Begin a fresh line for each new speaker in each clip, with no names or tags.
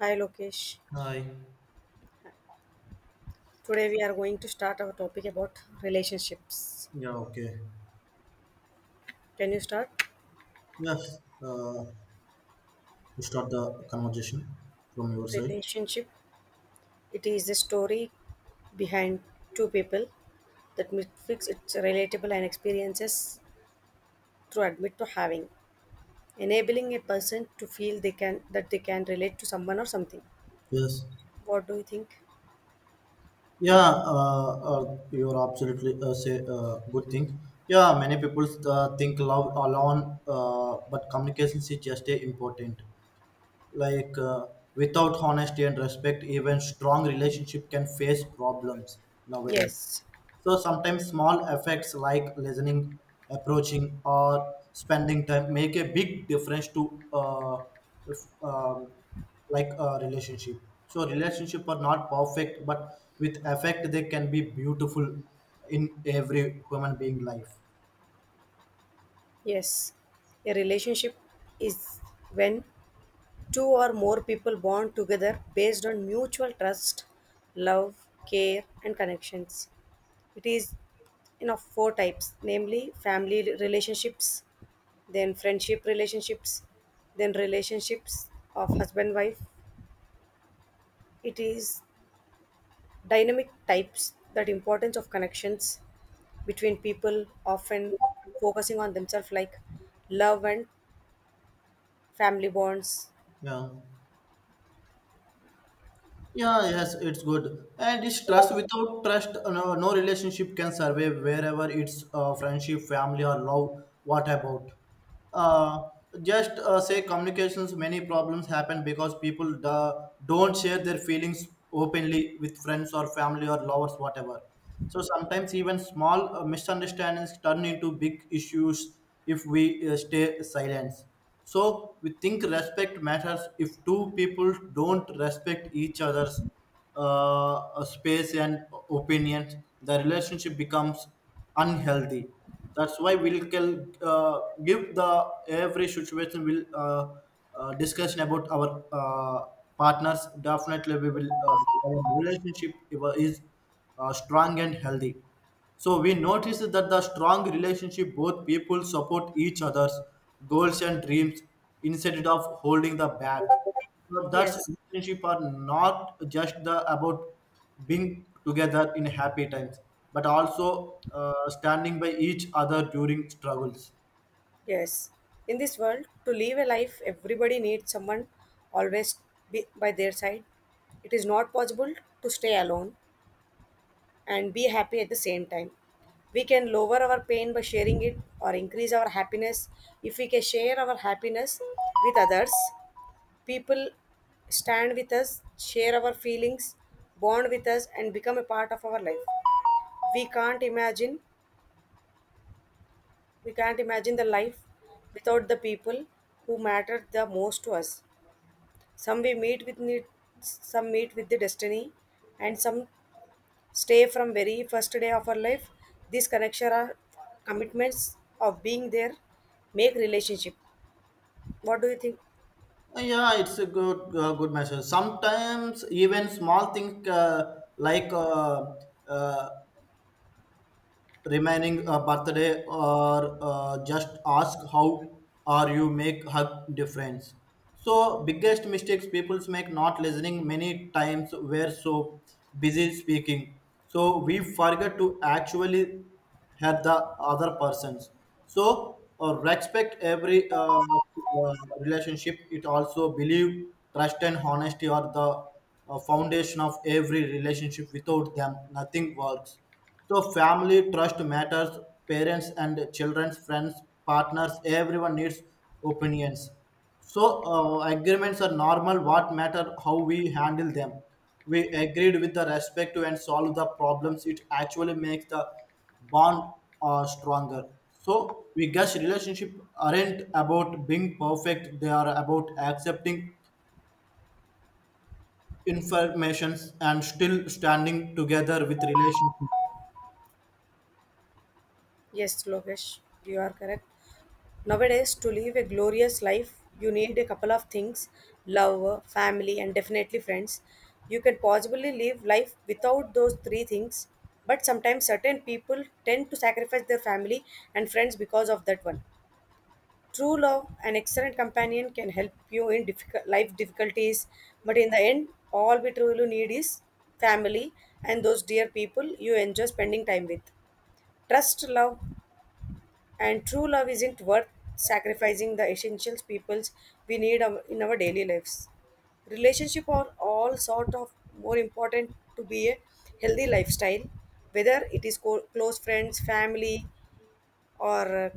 Hi Lokesh.
Hi.
Today we are going to start our topic about relationships.
Yeah, okay.
Can you start?
Yes, uh, to start the conversation from your side.
Relationship. It is the story behind two people that fix its relatable and experiences through admit to having, enabling a person to feel they can that they can relate to someone or something.
Yes.
What do you think?
Yeah, you're absolutely say good thing. Yeah, many people think love alone, but communication is just a important. Like uh, Without honesty and respect, even strong relationship can face problems nowadays.
Yes,
So sometimes small effects like listening, approaching, or spending time make a big difference to if, um, like a relationship. So relationship are not perfect, but with effect they can be beautiful in every human being life.
yes. A relationship is when two or more people bond together based on mutual trust, love, care, and connections. It is in of four types, namely family relationships, then friendship relationships, then relationships of husband wife. It is dynamic types that importance of connections between people often focusing on themselves like love and family bonds.
Yeah. Yeah, yes, it's good. And it's trust. Without trust, no relationship can survive wherever it's friendship, family, or love. What about? Uh, just say communications, many problems happen because don't share their feelings openly with friends or family or lovers, whatever. So sometimes even small misunderstandings turn into big issues if we stay silent. So we think respect matters if two people don't respect each other's space and opinions, the relationship becomes unhealthy. That's why we'll cal- give the every situation will discussion about our partners. Definitely, we will our relationship is strong and healthy. So we notice that the strong relationship both people support each other's goals and dreams instead of holding the back. So that's
Yes.
relationship are not just the about being together in happy times, but also standing by each other during struggles.
Yes, in this world, to live a life, everybody needs someone always be by their side. It is not possible to stay alone and be happy at the same time. We can lower our pain by sharing it or increase our happiness. If we can share our happiness with others, people stand with us, share our feelings, bond with us, and become a part of our life. We can't imagine, we can't imagine the life without the people who matter the most to us. Some we meet with need, some meet with the destiny, and some stay from very first day of our life. These connections are commitments of being there, make relationship. What do you think?
Yeah, it's a good good message. Sometimes even small things uh, remaining a birthday or just ask how are you make her difference, so biggest mistakes people make not listening many times we're so busy speaking, so we forget to actually hear the other persons. So respect every relationship, it also believe trust and honesty are the foundation of every relationship without them nothing works. So family trust matters, parents and children's friends, partners, everyone needs opinions. So agreements are normal. What matter how we handle them. We agreed with the respect to and solve the problems. It actually makes the bond stronger. So we guess relationship aren't about being perfect. They are about accepting informations and still standing together with relationship.
Yes, Lokesh, you are correct. Nowadays, to live a glorious life, you need a couple of things: love, family, and definitely friends. You can possibly live life without those three things, but sometimes certain people tend to sacrifice their family and friends because of that one. True love, an excellent companion, can help you in difficult life difficulties, but in the end, all we truly need is family and those dear people you enjoy spending time with. Trust love and true love isn't worth sacrificing the essentials peoples we need our- in our daily lives. Relationship are all sort of more important to be a healthy lifestyle, whether it is co- close friends, family, or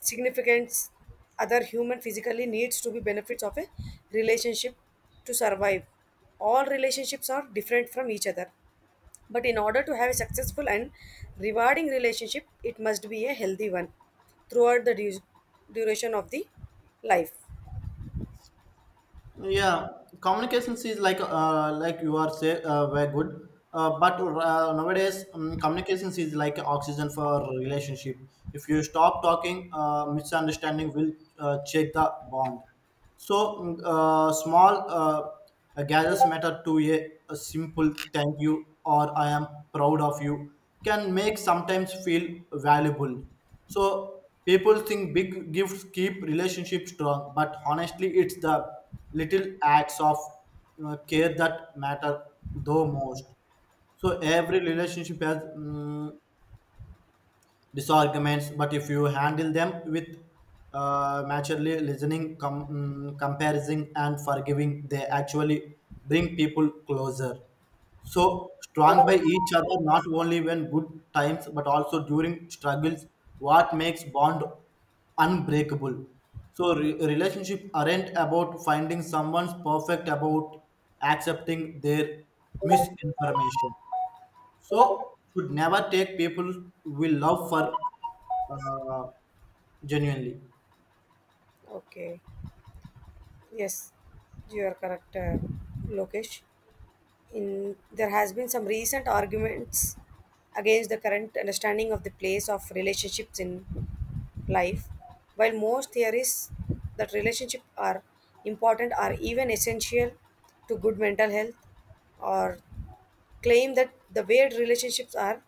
significance other human physically needs to be benefits of a relationship to survive. All relationships are different from each other, but in order to have a successful and rewarding relationship, it must be a healthy one throughout the duration of the life.
Yeah, communications is like you are say very good. But nowadays, communications is like oxygen for relationship. If you stop talking, misunderstanding will check the bond. So small gestures matter to a simple thank you or I am proud of you can make sometimes feel valuable. So people think big gifts keep relationship strong, but honestly, it's the little acts of care that matter though most. So every relationship has disarguments, but if you handle them with maturely listening, comparing and forgiving, they actually bring people closer. So strong by each other not only when good times but also during struggles, what makes bond unbreakable. So relationship aren't about finding someone's perfect, about accepting their misinformation. So should never take people we love for uh, genuinely.
Okay. Yes, you are correct, Lokesh. In there has been some recent arguments against the current understanding of the place of relationships in life while most theories that relationships are important are even essential to good mental health, or claim that the way relationships are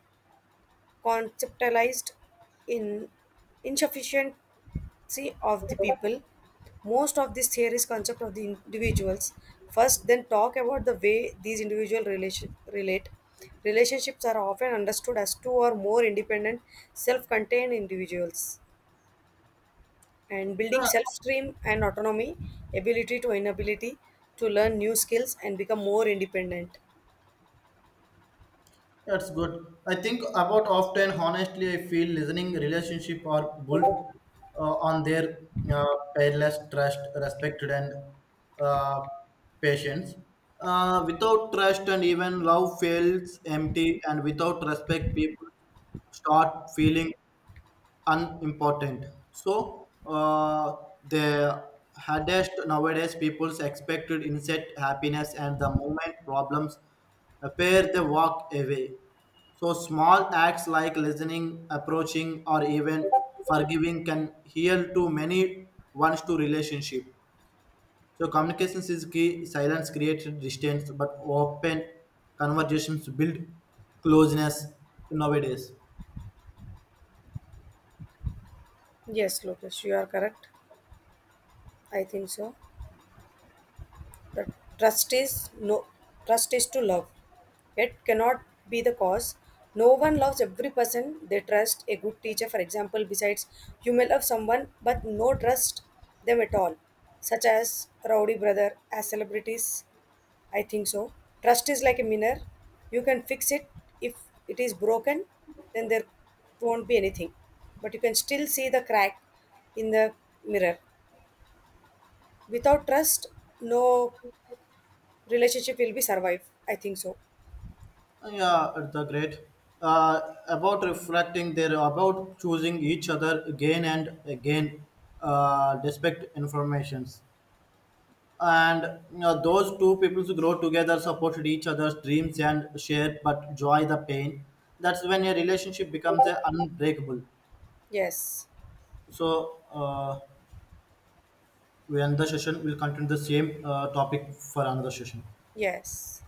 conceptualized in insufficiency of the people. Most of these theories concept of the individuals first, then talk about the way these individual relate. Relationships are often understood as two or more independent, self contained individuals. And building
Yeah,
self stream and autonomy, ability to inability to learn new skills and become more independent.
that's good. I think about often, honestly, I feel listening relationship are built uh, on their uh, peerless trust, respected and uh, patience. Without trust and even love feels empty, and without respect, people start feeling unimportant. So the hardest nowadays people's expected instant happiness and the moment problems appear they walk away. So small acts like listening, approaching, or even forgiving can heal to many ones to relationship. So communications is key. Silence creates distance, but open conversations build closeness nowadays.
Yes, Lucas, you are correct. I think so. Tr- Trust is no, trust is to love. It cannot be the cause. No one loves every person they trust. A good teacher, for example, besides you may love someone but no trust them at all, such as Rowdy Brother, as celebrities. I think so. Trust is like a mirror. You can fix it. If it is broken, then there won't be anything. But you can still see the crack in the mirror. Without trust, no relationship will be survive, I think so.
Oh, yeah, the great. Uh, about reflecting there, about choosing each other again and again, despite informations. And you know, those two peoples grow together, supported each other's dreams and shared but joy the pain. That's when a relationship becomes unbreakable.
Yes,
So we end the session. We'll continue the same topic for another session.
yes.